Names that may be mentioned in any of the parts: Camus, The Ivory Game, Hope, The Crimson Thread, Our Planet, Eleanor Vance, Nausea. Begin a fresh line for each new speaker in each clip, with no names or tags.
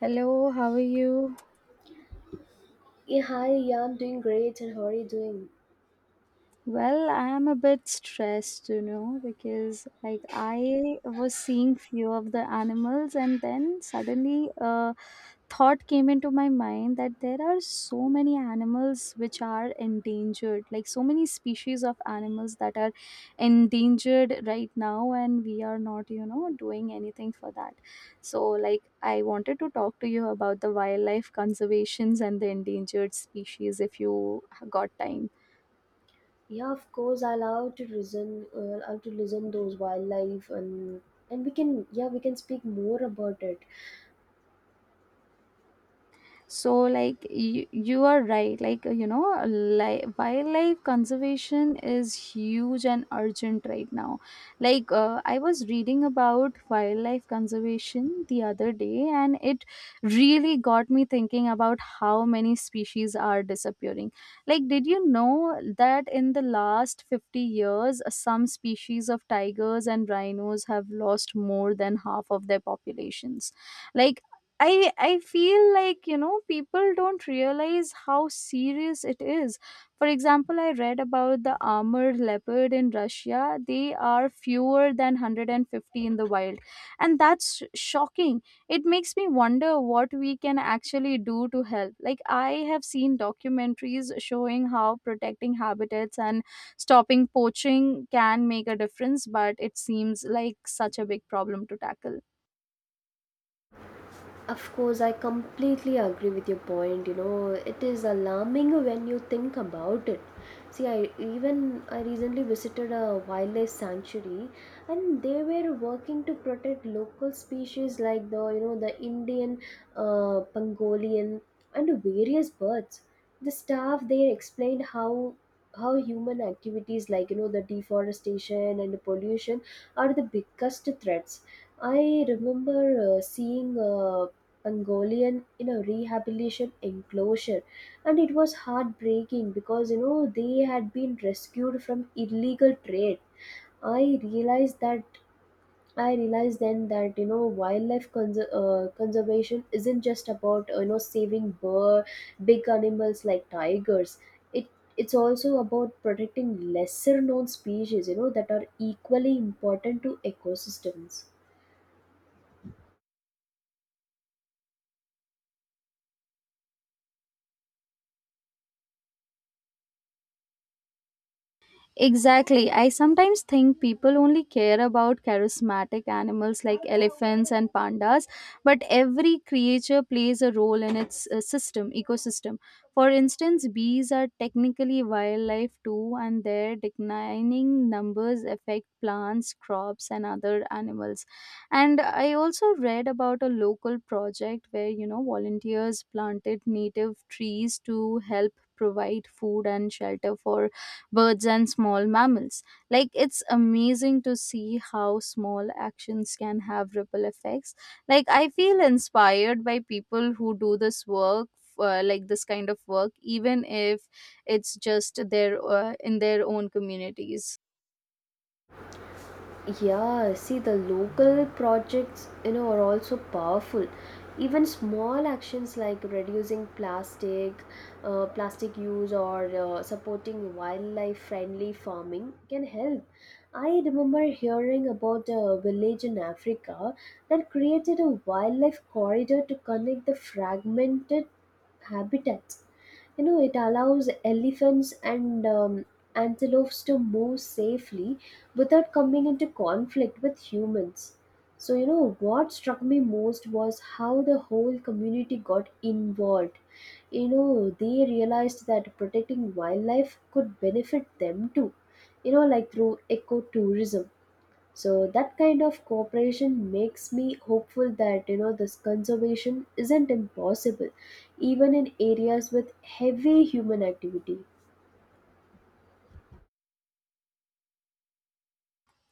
Hello, how are you?
Yeah, hi. Yeah, I'm doing great. And how are you doing?
Well, I am a bit stressed, because I was seeing few of the animals and then suddenly a thought came into my mind that there are so many animals which are endangered, like so many species of animals that are endangered right now and we are not, doing anything for that. So like I wanted to talk to you about the wildlife conservations and the endangered species if you got time.
Yeah, of course. I love to listen. I love to listen those wildlife and we can yeah we can speak more about it.
So you are right, wildlife conservation is huge and urgent right now. I was reading about wildlife conservation the other day and it really got me thinking about how many species are disappearing. Like did you know that in the last 50 years some species of tigers and rhinos have lost more than half of their populations? Like I I feel like people don't realize how serious it is. For example, I read about the armored leopard in Russia. They are fewer than 150 in the wild, and that's shocking. It makes me wonder what we can actually do to help. Like I have seen documentaries showing how protecting habitats and stopping poaching can make a difference, but it seems like such a big problem to tackle.
Of course, I completely agree with your point. You know, it is alarming when you think about it. See, I even I recently visited a wildlife sanctuary, and they were working to protect local species like the you know the Indian pangolin and various birds. The staff there explained how human activities like you know the deforestation and pollution are the biggest threats. I remember seeing Mongolian in a rehabilitation enclosure, and it was heartbreaking because you know they had been rescued from illegal trade. I realized that I realized then that you know wildlife conservation isn't just about you know saving bird big animals like tigers. It it's also about protecting lesser known species you know that are equally important to ecosystems.
Exactly. I sometimes think people only care about charismatic animals like elephants and pandas, but every creature plays a role in its ecosystem. For instance, bees are technically wildlife too, and their declining numbers affect plants, crops, and other animals. And I also read about a local project where, volunteers planted native trees to help provide food and shelter for birds and small mammals. Like it's amazing to see how small actions can have ripple effects. Like I feel inspired by people who do this work. Like this kind of work, even if it's just their in their own communities.
Yeah, see, the local projects, you know, are also powerful. Even small actions like plastic use, or supporting wildlife-friendly farming can help. I remember hearing about a village in Africa that created a wildlife corridor to connect the fragmented habitats. You know, it allows elephants and antelopes to move safely without coming into conflict with humans. So, you know, what struck me most was how the whole community got involved. You know, they realized that protecting wildlife could benefit them too, you know, like through ecotourism. So that kind of cooperation makes me hopeful that you know this conservation isn't impossible even in areas with heavy human activity.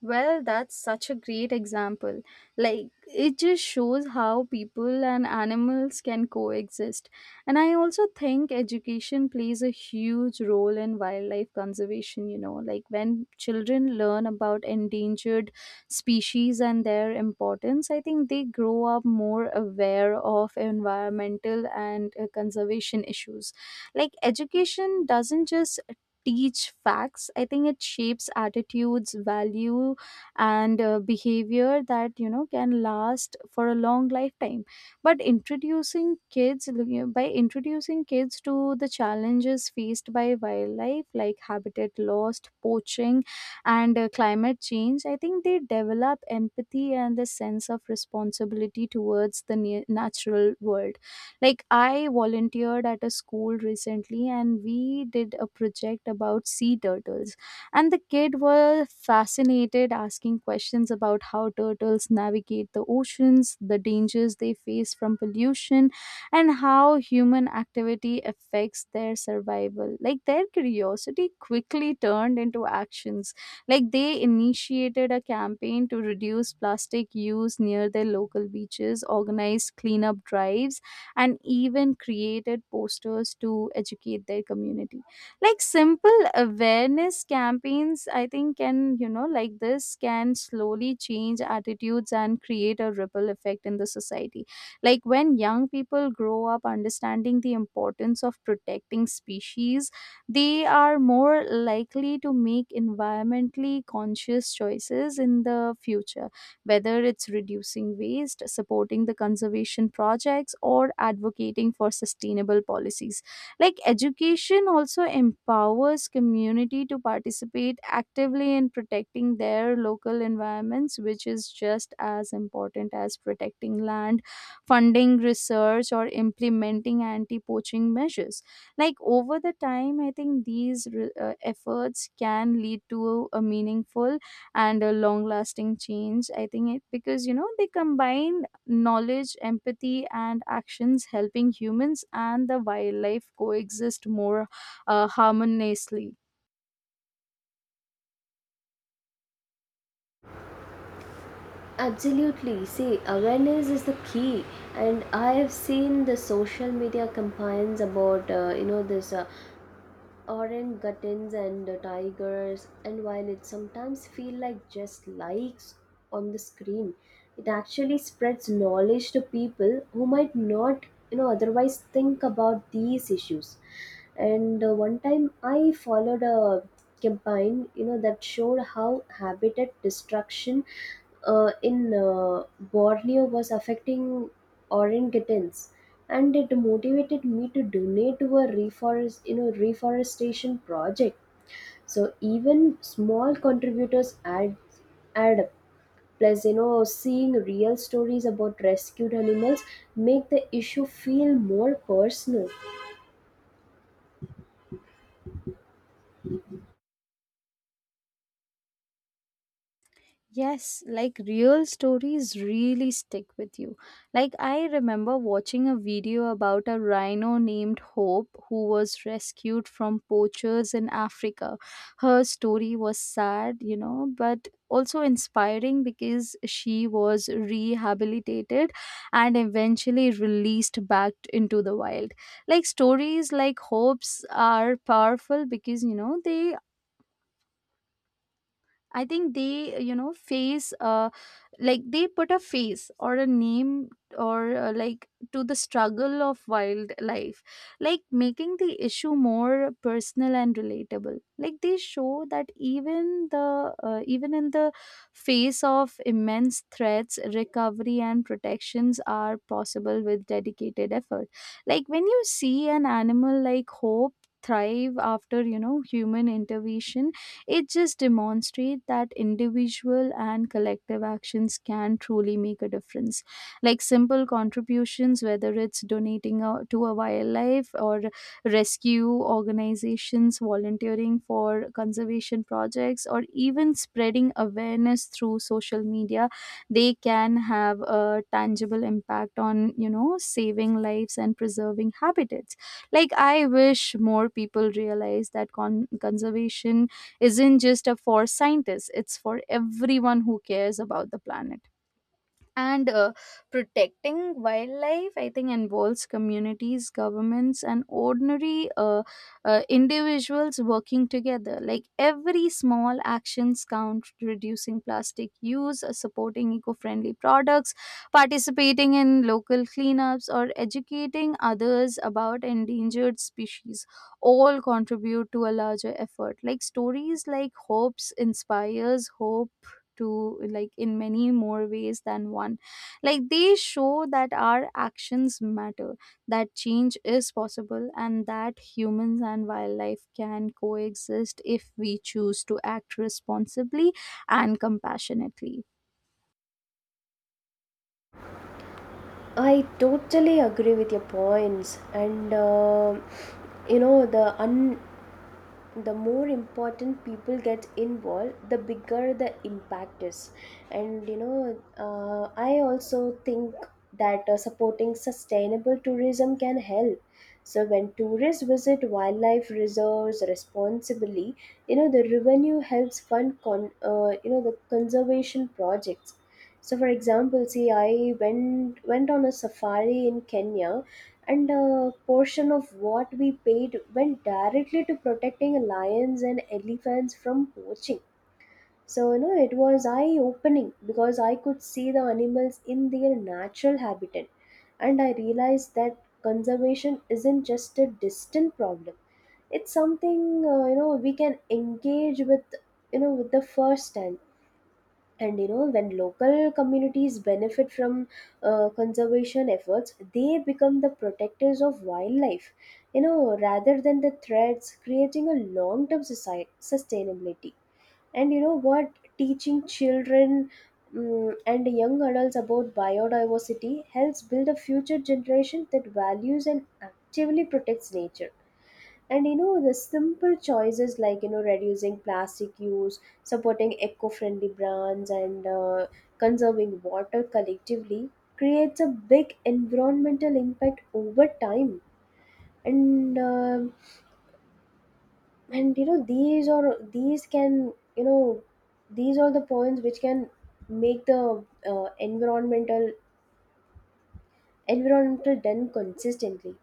Well, that's such a great example. Like, it just shows how people and animals can coexist. And I also think education plays a huge role in wildlife conservation, like when children learn about endangered species and their importance, I think they grow up more aware of environmental and conservation issues. Like, education doesn't just teach facts. I think it shapes attitudes, value, and behavior that can last for a long lifetime. But introducing kids you know, by introducing kids to the challenges faced by wildlife like habitat loss, poaching, and climate change, I think they develop empathy and the sense of responsibility towards the natural world. Like, I volunteered at a school recently and we did a project about sea turtles. And the kid were fascinated, asking questions about how turtles navigate the oceans, the dangers they face from pollution, and how human activity affects their survival. Like, their curiosity quickly turned into actions. Like, they initiated a campaign to reduce plastic use near their local beaches, organized cleanup drives, and even created posters to educate their community. Like simple awareness campaigns, I think, can, this can slowly change attitudes and create a ripple effect in the society. Like when young people grow up understanding the importance of protecting species, they are more likely to make environmentally conscious choices in the future, whether it's reducing waste, supporting the conservation projects, or advocating for sustainable policies. Like education also empowers community to participate actively in protecting their local environments, which is just as important as protecting land, funding research, or implementing anti poaching measures. Like over the time I think these efforts can lead to a meaningful and a long lasting change. I think it because they combine knowledge, empathy, and actions, helping humans and the wildlife coexist more harmoniously.
Absolutely. See, awareness is the key, and I have seen the social media campaigns about you know this orangutans and the tigers. And while it sometimes feels like just likes on the screen, it actually spreads knowledge to people who might not you know otherwise think about these issues. And one time I followed a campaign you know that showed how habitat destruction in Borneo was affecting orangutans, and it motivated me to donate to a reforestation project. So even small contributors add up. Plus, you know, seeing real stories about rescued animals make the issue feel more personal.
Yes, like real stories really stick with you. Like, I remember watching a video about a rhino named Hope who was rescued from poachers in Africa. Her story was sad, you know, but also inspiring because she was rehabilitated and eventually released back into the wild. Like, stories like Hope's are powerful because, you know, they I think they, you know, face, like they put a face or a name or to the struggle of wildlife, like making the issue more personal and relatable. Like they show that even the even in the face of immense threats, recovery and protections are possible with dedicated effort. Like when you see an animal like hope thrive after human intervention, it just demonstrates that individual and collective actions can truly make a difference. Like simple contributions, whether it's donating to a wildlife or rescue organizations, volunteering for conservation projects, or even spreading awareness through social media, they can have a tangible impact on, saving lives and preserving habitats. Like, I wish more people realize that conservation isn't just a for scientists. It's for everyone who cares about the planet, and protecting wildlife, I think, involves communities, governments, and ordinary individuals working together. Like every small actions count: reducing plastic use, supporting eco-friendly products, participating in local cleanups, or educating others about endangered species, all contribute to a larger effort. Like stories like hopes inspires hope to, like, in many more ways than one. Like they show that our actions matter, that change is possible, and that humans and wildlife can coexist if we choose to act responsibly and compassionately.
I totally agree with your points, and you know the more important people get involved, the bigger the impact is. And you know I also think that supporting sustainable tourism can help. So when tourists visit wildlife reserves responsibly, you know the revenue helps fund you know the conservation projects. So for example, see, I went on a safari in Kenya, and a portion of what we paid went directly to protecting lions and elephants from poaching. So, you know, it was eye opening because I could see the animals in their natural habitat. And I realized that conservation isn't just a distant problem, it's something, you know, we can engage with, you know, with the first hand. And you know when local communities benefit from conservation efforts, they become the protectors of wildlife, you know, rather than the threats, creating a long term society sustainability. And you know what, teaching children and young adults about biodiversity helps build a future generation that values and actively protects nature. And you know the simple choices like you know reducing plastic use, supporting eco-friendly brands, and conserving water collectively creates a big environmental impact over time. And um and you know these can these are the points which can make the uh, environmental environmental done consistently.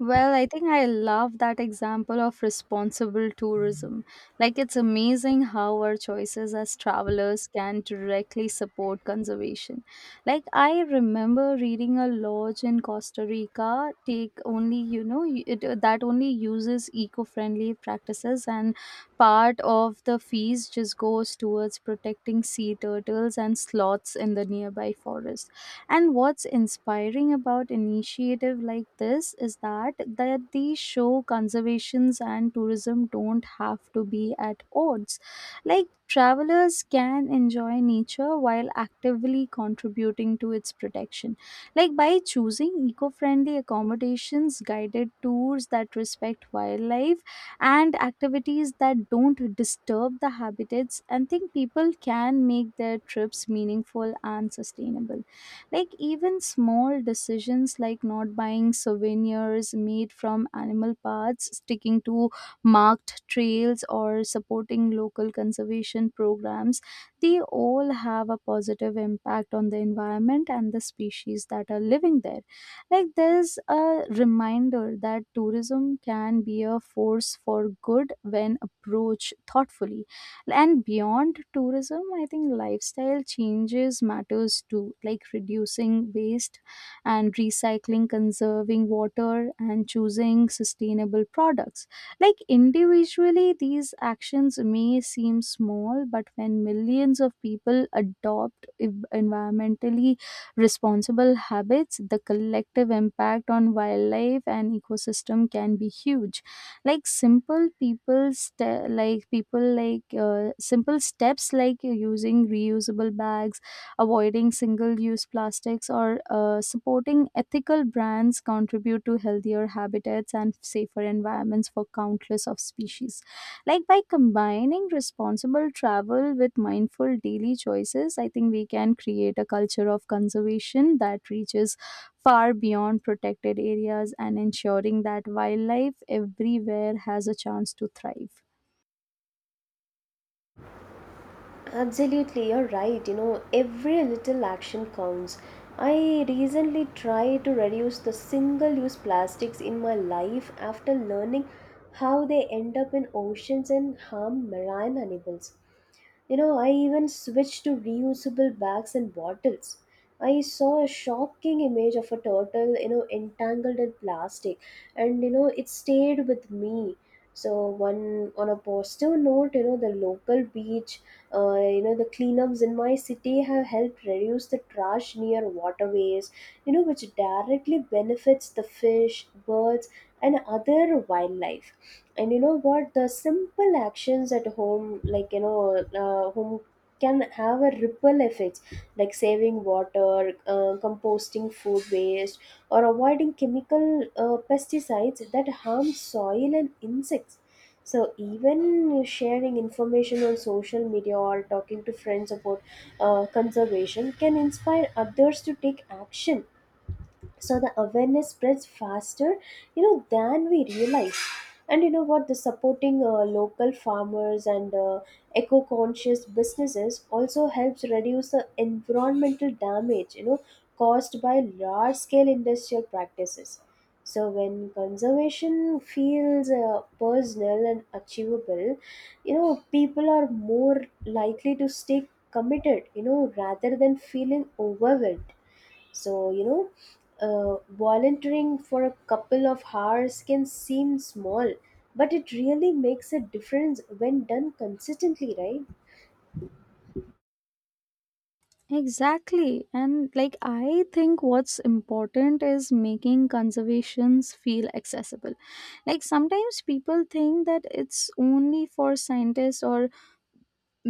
Well, I think I love that example of responsible tourism. Like, it's amazing how our choices as travelers can directly support conservation. Like, I remember reading a lodge in Costa Rica take only, you know, y- it, that only uses eco friendly practices, and part of the fees just goes towards protecting sea turtles and sloths in the nearby forest. And what's inspiring about initiative like this is that they show conservations and tourism don't have to be at odds. Like travelers can enjoy nature while actively contributing to its protection. Like by choosing eco-friendly accommodations, guided tours that respect wildlife, and activities that don't disturb the habitats, and think people can make their trips meaningful and sustainable. Like even small decisions like not buying souvenirs made from animal parts, sticking to marked trails, or supporting local conservation programs, they all have a positive impact on the environment and the species that are living there. Like there's a reminder that tourism can be a force for good when approached thoughtfully. And beyond tourism I think lifestyle changes matters too, like reducing waste and recycling, conserving water, and choosing sustainable products. Like individually these actions may seem small, but when millions of people adopt environmentally responsible habits, the collective impact on wildlife and ecosystem can be huge. Like people like, simple steps like using reusable bags, avoiding single use plastics, or supporting ethical brands contribute to healthier habitats and safer environments for countless of species. Like by combining responsible travel with mindful daily choices, I think we can create a culture of conservation that reaches far beyond protected areas and ensuring that wildlife everywhere has a chance to thrive.
Absolutely, you're right. You know, every little action counts. I recently tried to reduce the single use plastics in my life after learning how they end up in oceans and harm marine animals. You know, I even switched to reusable bags and bottles. I saw a shocking image of a turtle, you know, entangled in plastic, and you know, it stayed with me. So, one on a positive note, you know, the local beach you know the cleanups in my city have helped reduce the trash near waterways, you know, which directly benefits the fish, birds, and other wildlife. And you know what, the simple actions at home like you know home can have a ripple effects, like saving water, composting food waste, or avoiding chemical pesticides that harm soil and insects. So even sharing information on social media or talking to friends about conservation can inspire others to take action, so the awareness spreads faster you know than we realize. And you know what, the supporting local farmers and eco conscious businesses also helps reduce the environmental damage, you know, caused by large scale industrial practices. So when conservation feels personal and achievable, you know people are more likely to stay committed, you know, rather than feeling overwhelmed. So, you know, volunteering for a couple of hours can seem small, but it really makes a difference when done consistently, right?
Exactly. And like, I think what's important is making conservations feel accessible. Like, sometimes people think that it's only for scientists or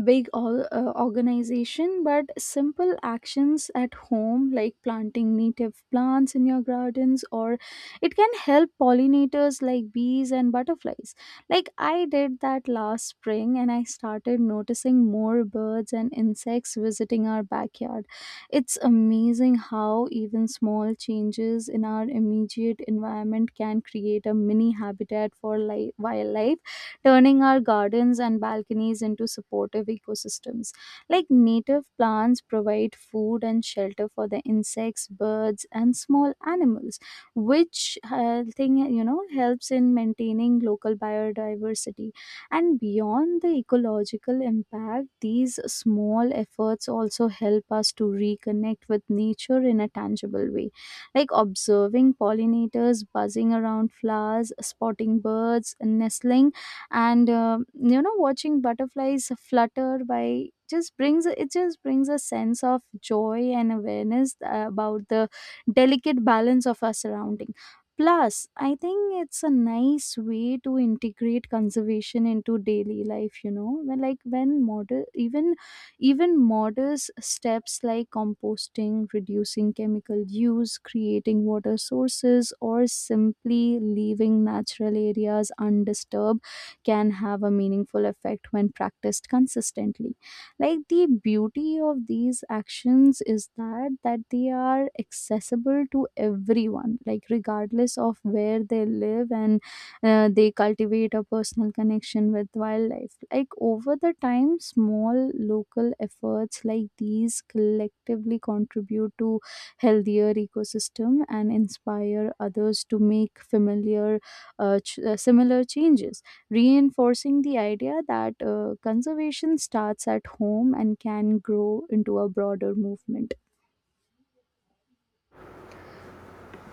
organization. But simple actions at home like planting native plants in your gardens, or it can help pollinators like bees and butterflies. Like I did that last spring, and I started noticing more birds and insects visiting our backyard. It's amazing how even small changes in our immediate environment can create a mini habitat for wildlife, turning our gardens and balconies into supportive ecosystems. Like native plants provide food and shelter for the insects, birds, and small animals, which thing you know helps in maintaining local biodiversity. And beyond the ecological impact, these small efforts also help us to reconnect with nature in a tangible way. Like observing pollinators buzzing around flowers, spotting birds, nestling, and you know, watching butterflies flutter by, just brings a sense of joy and awareness about the delicate balance of our surrounding. Plus I think it's a nice way to integrate conservation into daily life, you know, when like when model even even modest steps like composting, reducing chemical use, creating water sources, or simply leaving natural areas undisturbed can have a meaningful effect when practiced consistently. Like the beauty of these actions is that they are accessible to everyone, like regardless of where they live, and they cultivate a personal connection with wildlife. Like over the time small local efforts like these collectively contribute to healthier ecosystem and inspire others to make similar changes, reinforcing the idea that conservation starts at home and can grow into a broader movement.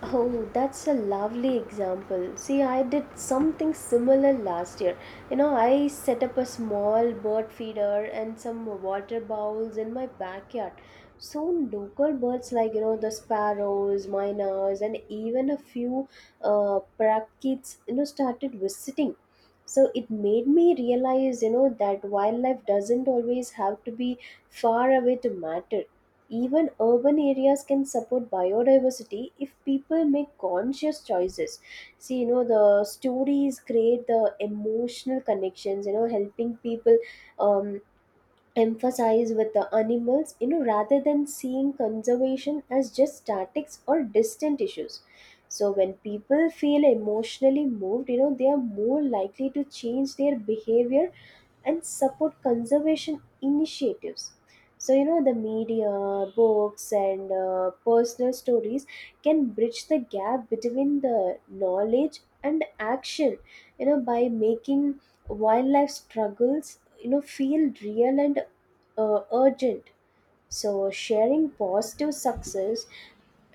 Oh, that's a lovely example. See, I did something similar last year. You know, I set up a small bird feeder and some water bowls in my backyard. So, local birds like, you know, the sparrows, miners, and even a few parakeets, you know, started visiting. So, it made me realize, you know, that wildlife doesn't always have to be far away to matter. Even urban areas can support biodiversity if people make conscious choices. See, you know, the stories create the emotional connections, you know, helping people um, emphasize with the animals, you know, rather than seeing conservation as just statics or distant issues. So when people feel emotionally moved, you know, they are more likely to change their behavior and support conservation initiatives. So you know the media, books, and personal stories can bridge the gap between the knowledge and action, you know, by making wildlife struggles you know feel real and urgent. So sharing positive success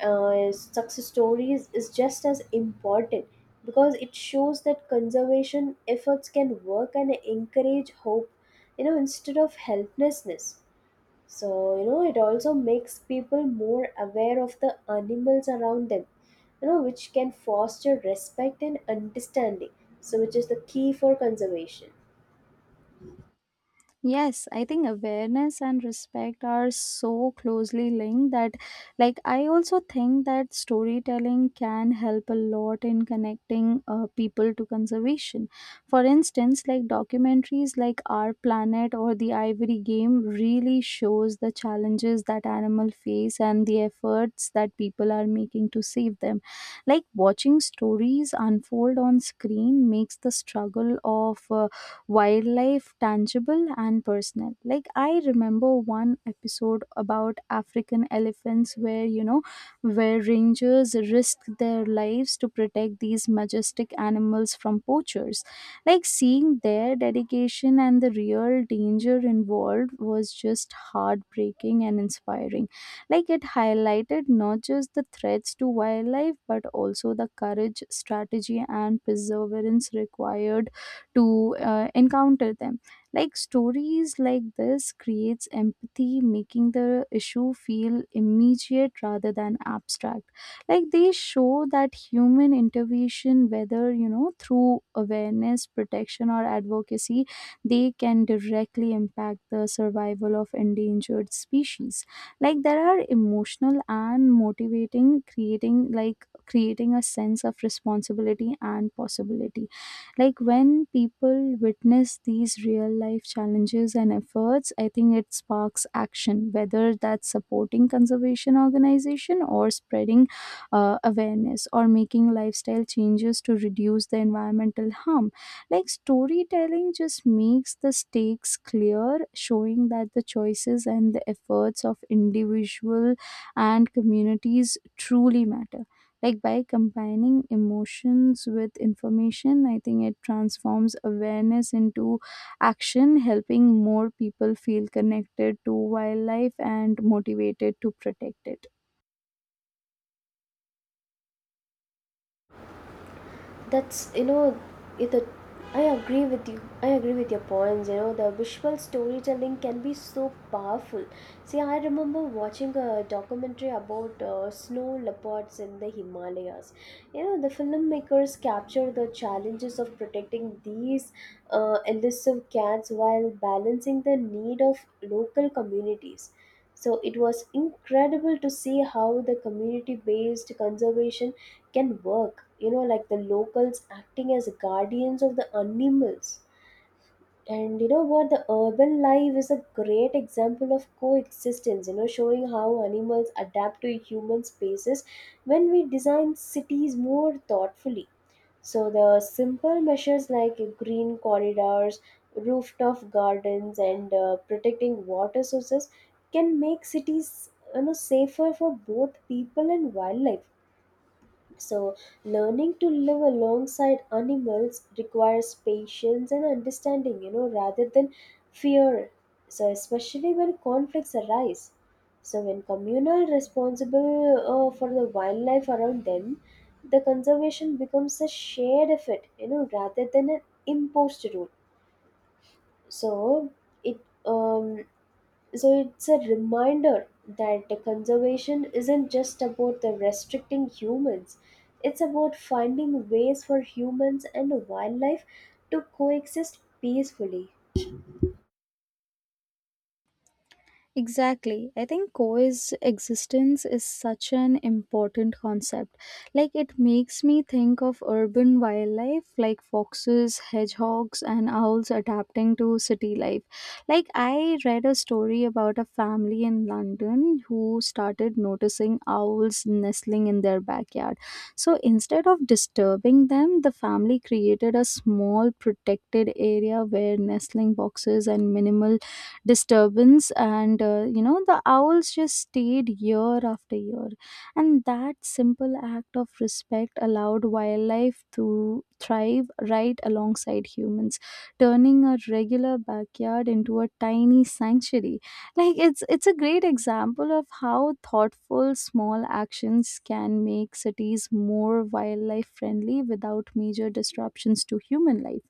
uh, success stories is just as important because it shows that conservation efforts can work and encourage hope, you know, instead of helplessness. So you know it also makes people more aware of the animals around them, you know, which can foster respect and understanding, so which is the key for conservation.
Yes, I think awareness and respect are so closely linked that, like, I also think that storytelling can help a lot in connecting people to conservation. For instance, like documentaries like Our Planet or The Ivory Game really shows the challenges that animals face and the efforts that people are making to save them. Like watching stories unfold on screen makes the struggle of wildlife tangible and personal. Like I remember one episode about African elephants where where rangers risk their lives to protect these majestic animals from poachers. Like seeing their dedication and the real danger involved was just heartbreaking and inspiring. Like it highlighted not just the threats to wildlife but also the courage, strategy, and perseverance required to encounter them. Like stories like this creates empathy, making the issue feel immediate rather than abstract. Like they show that human intervention, whether through awareness, protection, or advocacy, they can directly impact the survival of endangered species. Like there are emotional and motivating, creating like creating a sense of responsibility and possibility. Like when people witness these real life challenges and efforts, I think it sparks action, whether that's supporting conservation organization or spreading awareness or making lifestyle changes to reduce the environmental harm. Like storytelling just makes the stakes clear, showing that the choices and the efforts of individual and communities truly matter. Like by combining emotions with information, I think it transforms awareness into action, helping more people feel connected to wildlife and motivated to protect it.
That's you know it the i agree with you I agree with your points. You know the visual storytelling can be so powerful. See, I remember watching a documentary about snow leopards in the Himalayas. You know the filmmakers capture the challenges of protecting these elusive cats while balancing the need of local communities. So it was incredible to see how the community based conservation can work, you know, like the locals acting as guardians of the animals. And you know what, the urban life is a great example of coexistence, you know, showing how animals adapt to human spaces when we design cities more thoughtfully. So the simple measures like green corridors, rooftop gardens, and protecting water sources can make cities, you know, safer for both people and wildlife. So, learning to live alongside animals requires patience and understanding, you know, rather than fear. So, especially when conflicts arise. So, when communal responsible for the wildlife around them, the conservation becomes a shared effort, you know, rather than an imposed rule. So, it um, so it's a reminder that the conservation isn't just about the restricting humans. It's about finding ways for humans and wildlife to coexist peacefully.
Exactly. I think coexistence existence is such an important concept. Like, it makes me think of urban wildlife like foxes, hedgehogs, and owls adapting to city life. Like, I read a story about a family in London who started noticing owls nestling in their backyard. So, instead of disturbing them, the family created a small protected area where nestling boxes and minimal disturbance and you know the owls just stayed year after year, and that simple act of respect allowed wildlife to thrive right alongside humans, turning a regular backyard into a tiny sanctuary. Like it's a great example of how thoughtful small actions can make cities more wildlife friendly without major disruptions to human life.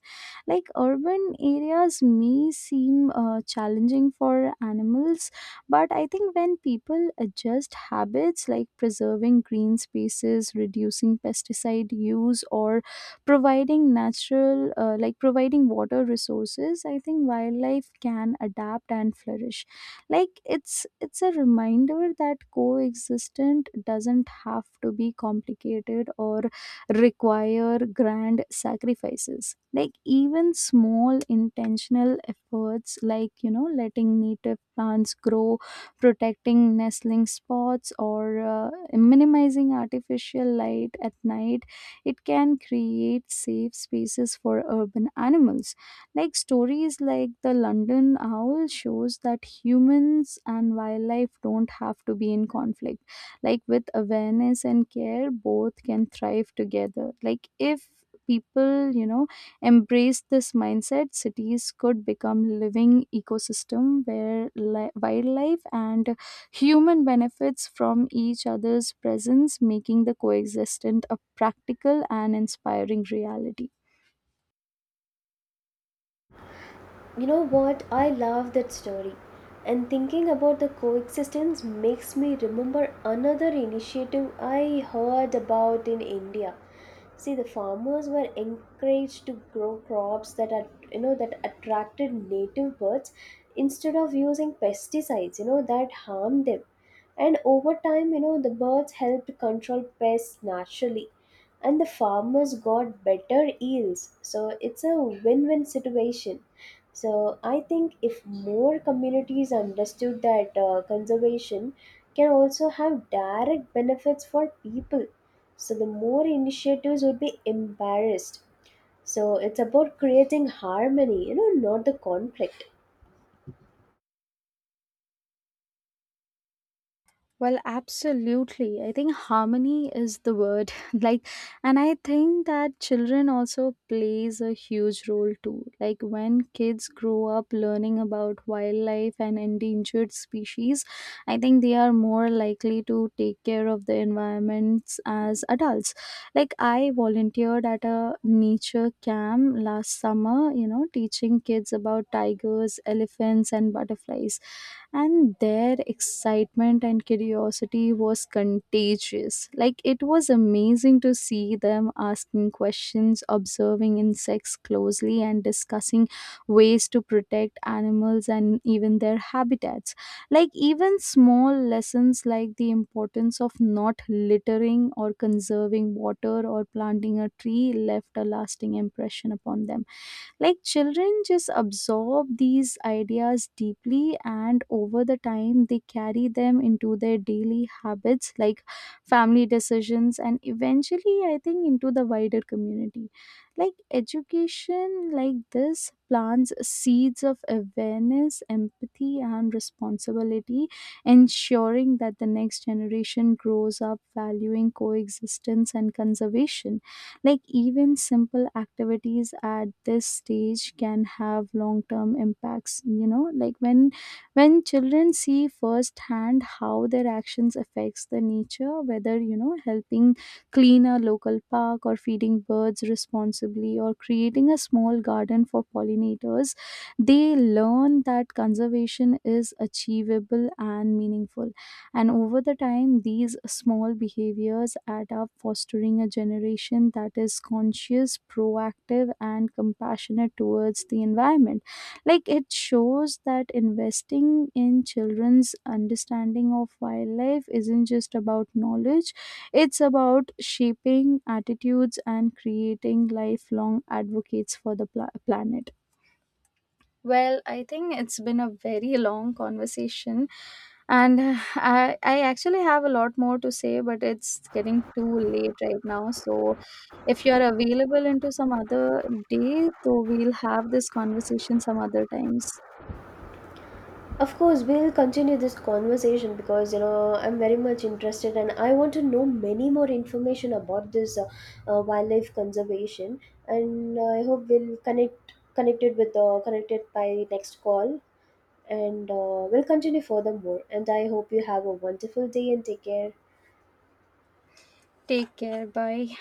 Like urban areas may seem challenging for animals, but I think when people adjust habits like preserving green spaces, reducing pesticide use, or providing natural providing water resources, I think wildlife can adapt and flourish. Like it's a reminder that coexistence doesn't have to be complicated or require grand sacrifices. Like even small intentional efforts, like you know, letting native plants grow, protecting nestling spots, or minimizing artificial light at night, it can create safe spaces for urban animals. Like stories like the London owl shows that humans and wildlife don't have to be in conflict. Like with awareness and care both can thrive together. Like if people you know embrace this mindset, cities could become living ecosystem where wildlife and human benefits from each other's presence, making the coexistence a practical and inspiring reality.
You know what? I love that story. And thinking about the coexistence makes me remember another initiative I heard about in India. See, the farmers were encouraged to grow crops that are, you know, that attracted native birds instead of using pesticides, you know, that harm them. And over time, you know, the birds helped control pests naturally, and the farmers got better yields. So it's a win win situation. So I think if more communities understood that conservation can also have direct benefits for people, so the more initiatives would be embarrassed. So it's about creating harmony, you know, not the conflict.
Well, absolutely. I think harmony is the word. Like, and I think that children also plays a huge role too. Like when kids grow up learning about wildlife and endangered species, I think they are more likely to take care of the environments as adults. Like I volunteered at a nature camp last summer, you know, teaching kids about tigers, elephants, and butterflies, and their excitement and curiosity was contagious. Like it was amazing to see them asking questions, observing insects closely, and discussing ways to protect animals and even their habitats. Like even small lessons like the importance of not littering or conserving water or planting a tree left a lasting impression upon them. Like children just absorb these ideas deeply, and over the time they carry them into their daily habits, like family decisions, and eventually I think into the wider community. Like education like this plants seeds of awareness, empathy, and responsibility, ensuring that the next generation grows up valuing coexistence and conservation. Like, even simple activities at this stage can have long term impacts, you know, like when children see firsthand how their actions affects the nature, whether you know helping clean a local park or feeding birds responsibly or creating a small garden for pollinators, they learn that conservation is achievable and meaningful. And over the time, these small behaviors add up, fostering a generation that is conscious, proactive, and compassionate towards the environment. Like it shows that investing in children's understanding of wildlife isn't just about knowledge, it's about shaping attitudes and creating lifelong advocates for the planet. Well, I think it's been a very long conversation, and I actually have a lot more to say, but it's getting too late right now. So, if you're available into some other day, so we'll have this conversation some other times.
Of course, we'll continue this conversation because you know I'm very much interested and I want to know many more information about this wildlife conservation. And I hope we'll connected by next call, and we'll continue furthermore. And I hope you have a wonderful day and take care.
Take care. Bye.